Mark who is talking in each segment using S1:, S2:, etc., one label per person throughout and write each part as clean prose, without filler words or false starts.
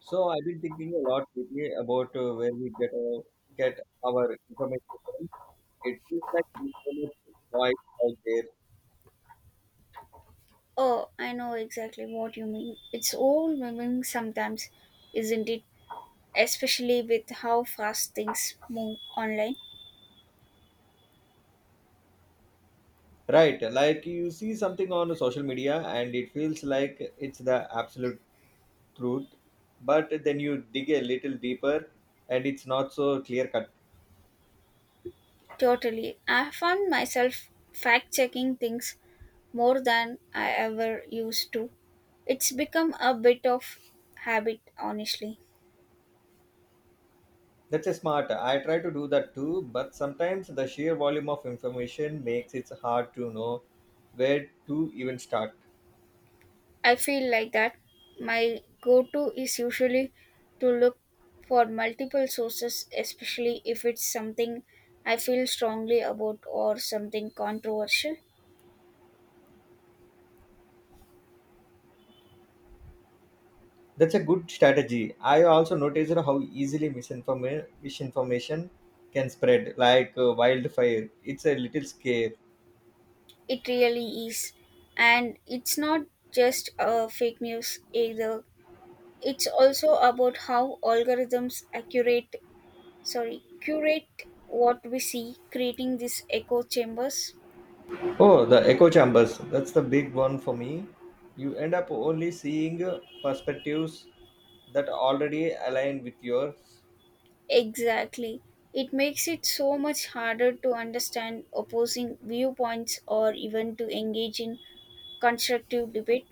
S1: So I've been thinking a lot lately about where we get our information from. It feels like there's so much noise out there,
S2: Oh, I know exactly what you mean. It's overwhelming sometimes, isn't it? Especially with how fast things move online.
S1: right? Like you see something on social media, and it feels like it's the absolute truth, but then you dig a little deeper, and it's not so clear cut.
S2: Totally. I found myself fact checking things more than I ever used to. It's become a bit of habit, honestly.
S1: That's a smart. I try to do that too, but sometimes the sheer volume of information makes it hard to know where to even start.
S2: I feel like that. My go to is usually to look for multiple sources, especially if it's something I feel strongly about or something controversial.
S1: That's a good strategy. I also noticed how easily misinformation can spread like wildfire. It's a little scary.
S2: It really is. And it's not just fake news either. It's also about how curate what we see, creating these echo chambers.
S1: Oh, the echo chambers. That's the big one for me. You end up only seeing perspectives that already align with yours.
S2: Exactly. It makes it so much harder to understand opposing viewpoints or even to engage in constructive debate.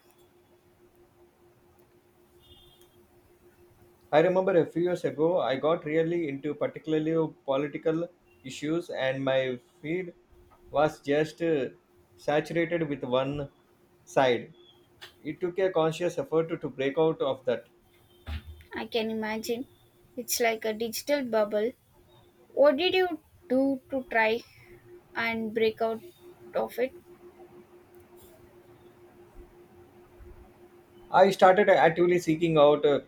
S1: I remember a few years ago, I got really into particularly political issues, and my feed was just saturated with one side. It took a conscious effort to break out of that.
S2: I can imagine. It's like a digital bubble. What did you do to try and break out of it?
S1: I started actively seeking out uh,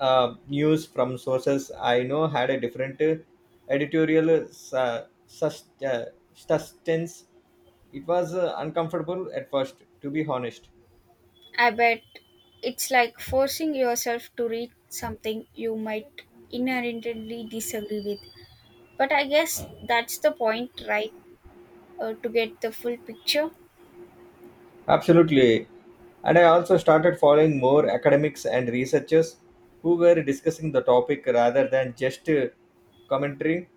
S1: uh, news from sources I know had a different editorial sustenance. It was uncomfortable at first, to be honest.
S2: I bet it's like forcing yourself to read something you might inherently disagree with. But I guess that's the point, right? To get the full picture.
S1: Absolutely. And I also started following more academics and researchers who were discussing the topic rather than just commentary.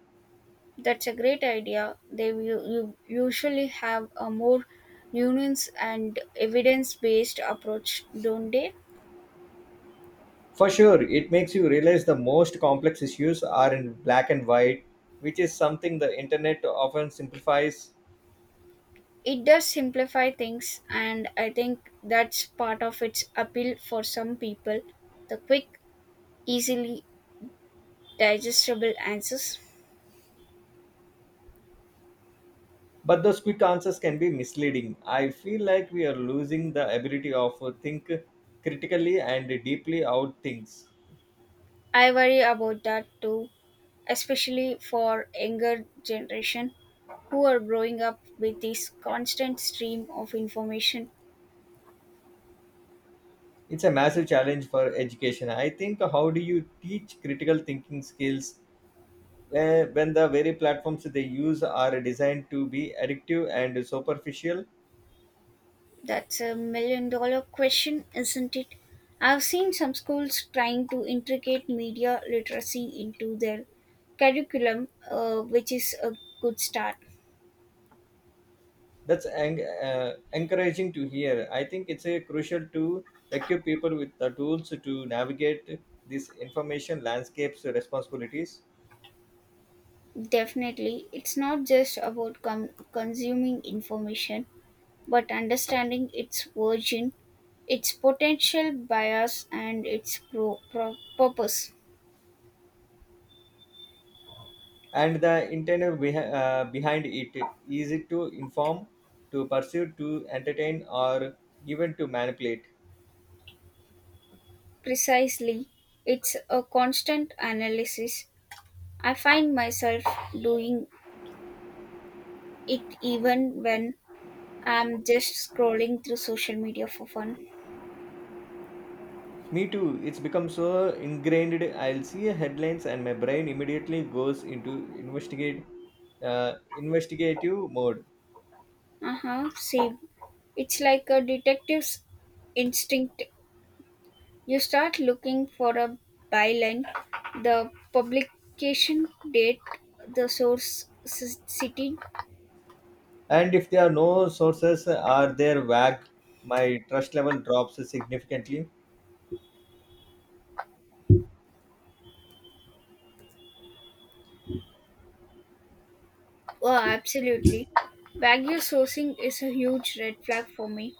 S2: That's a great idea. They will usually have a more nuanced and evidence based approach, don't they?
S1: For sure, it makes you realize the most complex issues are in black and white, which is something the internet often simplifies.
S2: It does simplify things, and I think that's part of its appeal for some people, the quick, easily digestible answers.
S1: But those quick answers can be misleading. I feel like we are losing the ability of think critically and deeply out things.
S2: I worry about that too, especially for younger generation who are growing up with this constant stream of information.
S1: It's a massive challenge for education. I think how do you teach critical thinking skills when the very platforms they use are designed to be addictive and superficial?
S2: That's a million dollar question, isn't it? I've seen some schools trying to integrate media literacy into their curriculum, which is a good start.
S1: Encouraging to hear. I think it's a crucial to equip people with the tools to navigate these information landscapes responsibilities,
S2: Definitely, it's not just about consuming information, but understanding its origin, its potential bias, and its purpose.
S1: and the intent behind it, is it to inform, to pursue, to entertain, or even to manipulate?
S2: Precisely, it's a constant analysis. I find myself doing it even when I'm just scrolling through social media for fun.
S1: Me too, it's become so ingrained. I'll see headlines and my brain immediately goes into investigate investigative mode.
S2: Uh huh. See, it's like a detective's instinct. You start looking for a byline, the publication date, the source city.
S1: And if there are no sources or they're vague, my trust level drops significantly.
S2: Oh, absolutely. Wagyu sourcing is a huge red flag for me.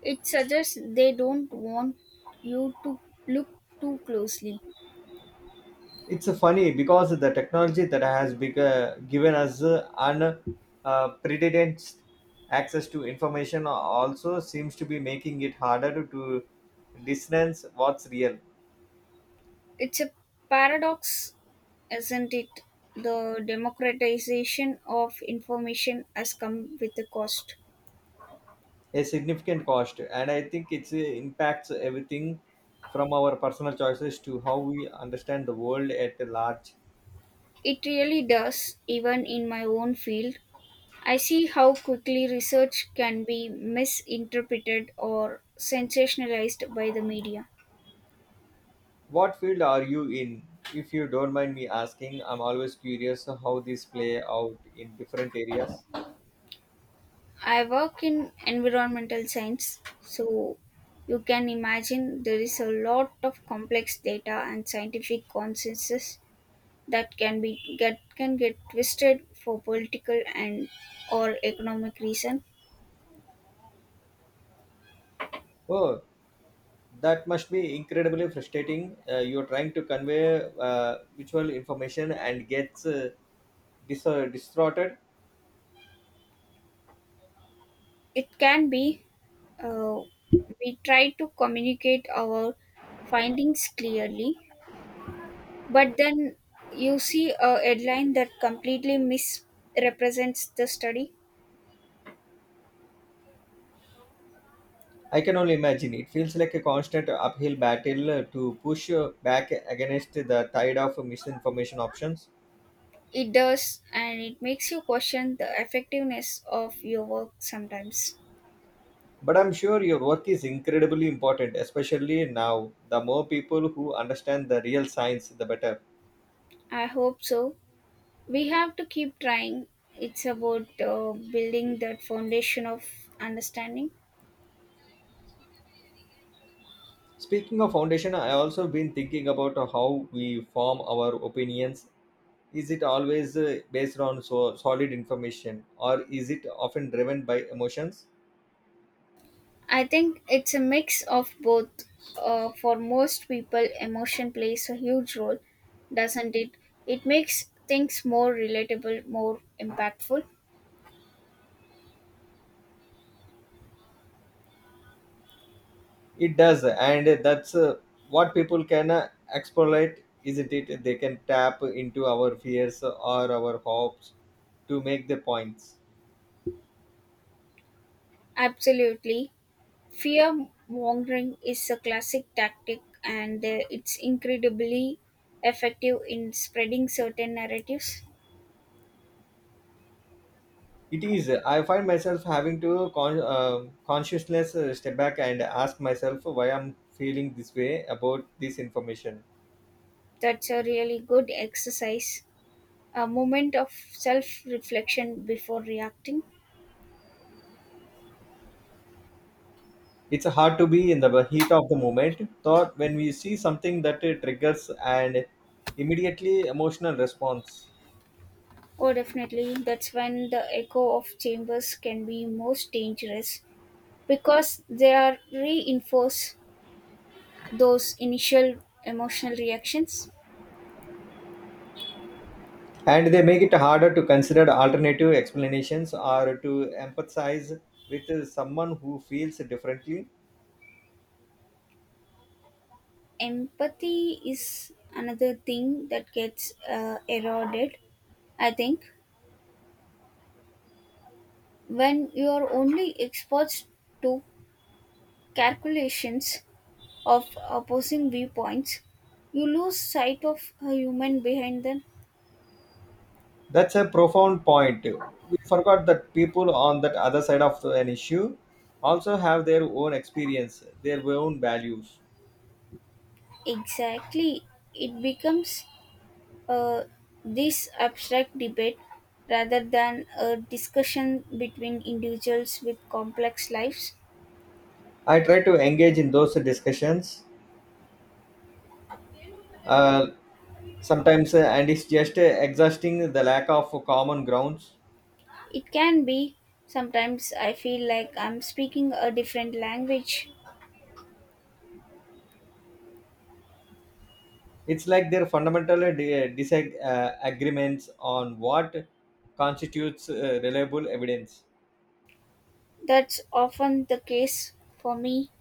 S2: It suggests they don't want you to look too closely.
S1: It's funny because the technology that has given us unprecedented access to information also seems to be making it harder to distance what's real.
S2: It's a paradox. Isn't it? The democratization of information has come with a cost.
S1: A significant cost, and I think it impacts everything from our personal choices to how we understand the world at large.
S2: It really does, even in my own field. I see how quickly research can be misinterpreted or sensationalized by the media.
S1: What field are you in? If you don't mind me asking, I'm always curious how these play out in different areas.
S2: I work in environmental science, so you can imagine there is a lot of complex data and scientific consensus that can get twisted for political and or economic reason.
S1: Oh, that must be incredibly frustrating. You're trying to convey visual information and gets distorted.
S2: It can be, uh, we try to communicate our findings clearly, but then you see a headline that completely misrepresents the study.
S1: I can only imagine. It feels like a constant uphill battle to push back against the tide of misinformation options.
S2: It does, and it makes you question the effectiveness of your work sometimes.
S1: But I'm sure your work is incredibly important, especially now. The more people who understand the real science, the better.
S2: I hope so. We have to keep trying. It's about building that foundation of understanding.
S1: Speaking of foundation, I also been thinking about how we form our opinions. Is it always based on so solid information, or is it often driven by emotions?
S2: I think it's a mix of both. For most people emotion plays a huge role, doesn't it? It makes things more relatable, more impactful.
S1: It does, and that's what people can exploit, isn't it? They can tap into our fears or our hopes to make the points.
S2: Absolutely, fear mongering is a classic tactic, and it's incredibly effective in spreading certain narratives.
S1: It is. I find myself having to consciousness step back and ask myself why I'm feeling this way about this information.
S2: That's a really good exercise, a moment of self reflection before reacting.
S1: It's hard to be in the heat of the moment thought when we see something that it triggers and immediately emotional response.
S2: Oh, definitely. That's when the echo of chambers can be most dangerous because they are reinforce those initial emotional reactions.
S1: And they make it harder to consider alternative explanations or to empathize with someone who feels differently.
S2: Empathy is another thing that gets eroded, I think, when you are only exposed to calculations of opposing viewpoints. You lose sight of a human behind them.
S1: That's a profound point. We forgot that people on that other side of an issue also have their own experience, their own values.
S2: Exactly. It becomes uh, this abstract debate rather than a discussion between individuals with complex lives.
S1: I try to engage in those discussions, uh, sometimes, and it's just exhausting the lack of common grounds.
S2: It can be, sometimes I feel like I'm speaking a different language.
S1: It's like their fundamental disagreements on what constitutes reliable evidence.
S2: That's often the case for me.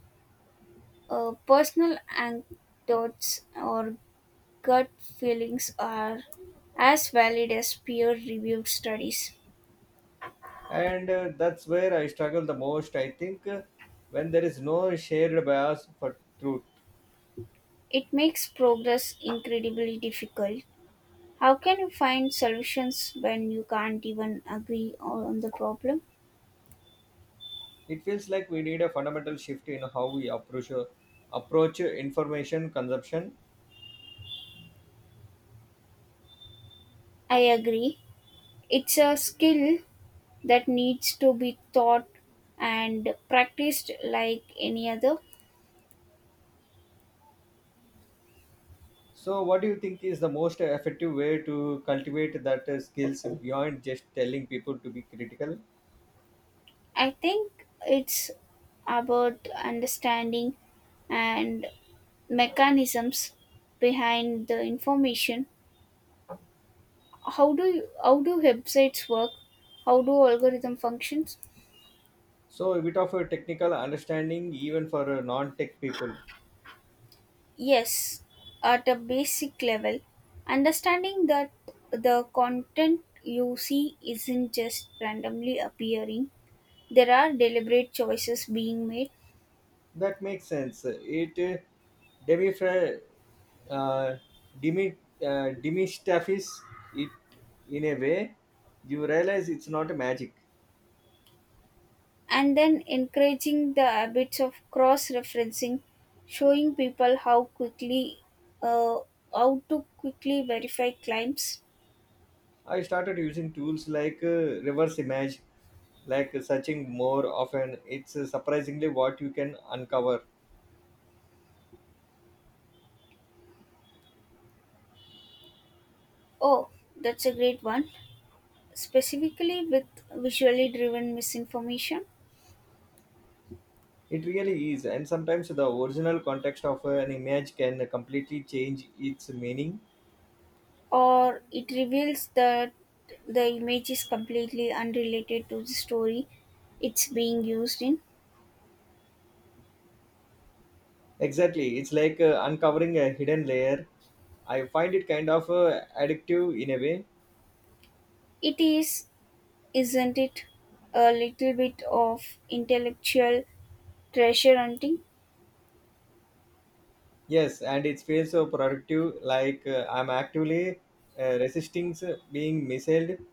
S2: Personal anecdotes or gut feelings are as valid as peer reviewed studies.
S1: And that's where I struggle the most. I think when there is no shared bias for truth,
S2: It makes progress incredibly difficult. How can you find solutions when you can't even agree on the problem?
S1: it feels like we need a fundamental shift in how we approach information consumption.
S2: I agree. It's a skill that needs to be taught and practiced like any other.
S1: So what do you think is the most effective way to cultivate that skills beyond just telling people to be critical?
S2: I think it's about understanding and mechanisms behind the information. How do websites work? How do algorithm functions?
S1: So a bit of a technical understanding even for non-tech people.
S2: Yes, at a basic level, understanding that the content you see isn't just randomly appearing, there are deliberate choices being made.
S1: That makes sense. It demifra uh, demi demistaffis it in a way. You realize it's not a magic.
S2: And then encouraging the habits of cross referencing, showing people uh, how to quickly verify claims.
S1: I started using tools like reverse image, like searching more often. It's surprisingly what you can uncover.
S2: Oh, that's a great one, specifically with visually driven misinformation.
S1: It really is, and sometimes the original context of an image can completely change its meaning.
S2: Or it reveals that the image is completely unrelated to the story it's being used in.
S1: Exactly. It's like uncovering a hidden layer. I find it kind of addictive in a way.
S2: It is, isn't it, a little bit of intellectual treasure hunting?
S1: Yes, and it feels so productive, like I'm actively resisting being misled.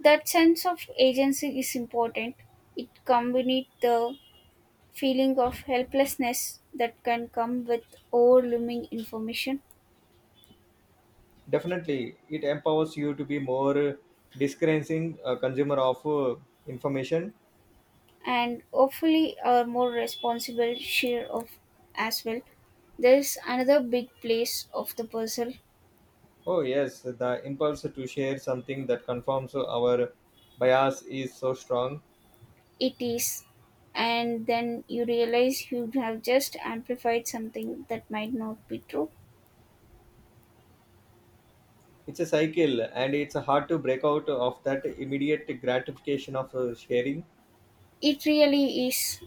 S2: That sense of agency is important. It combines the feeling of helplessness that can come with overwhelming information.
S1: Definitely, it empowers you to be more discerning consumer of information.
S2: And hopefully are more responsible share of as well. There is another big place of the puzzle.
S1: Oh, yes, the impulse to share something that confirms our bias is so strong.
S2: It is, and then you realize you have just amplified something that might not be true.
S1: It's a cycle, and it's hard to break out of that immediate gratification of sharing.
S2: It really is.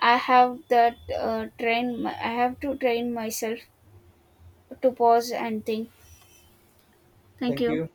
S2: I have that train myself to pause and think. Thank
S1: Thank
S2: you.
S1: you.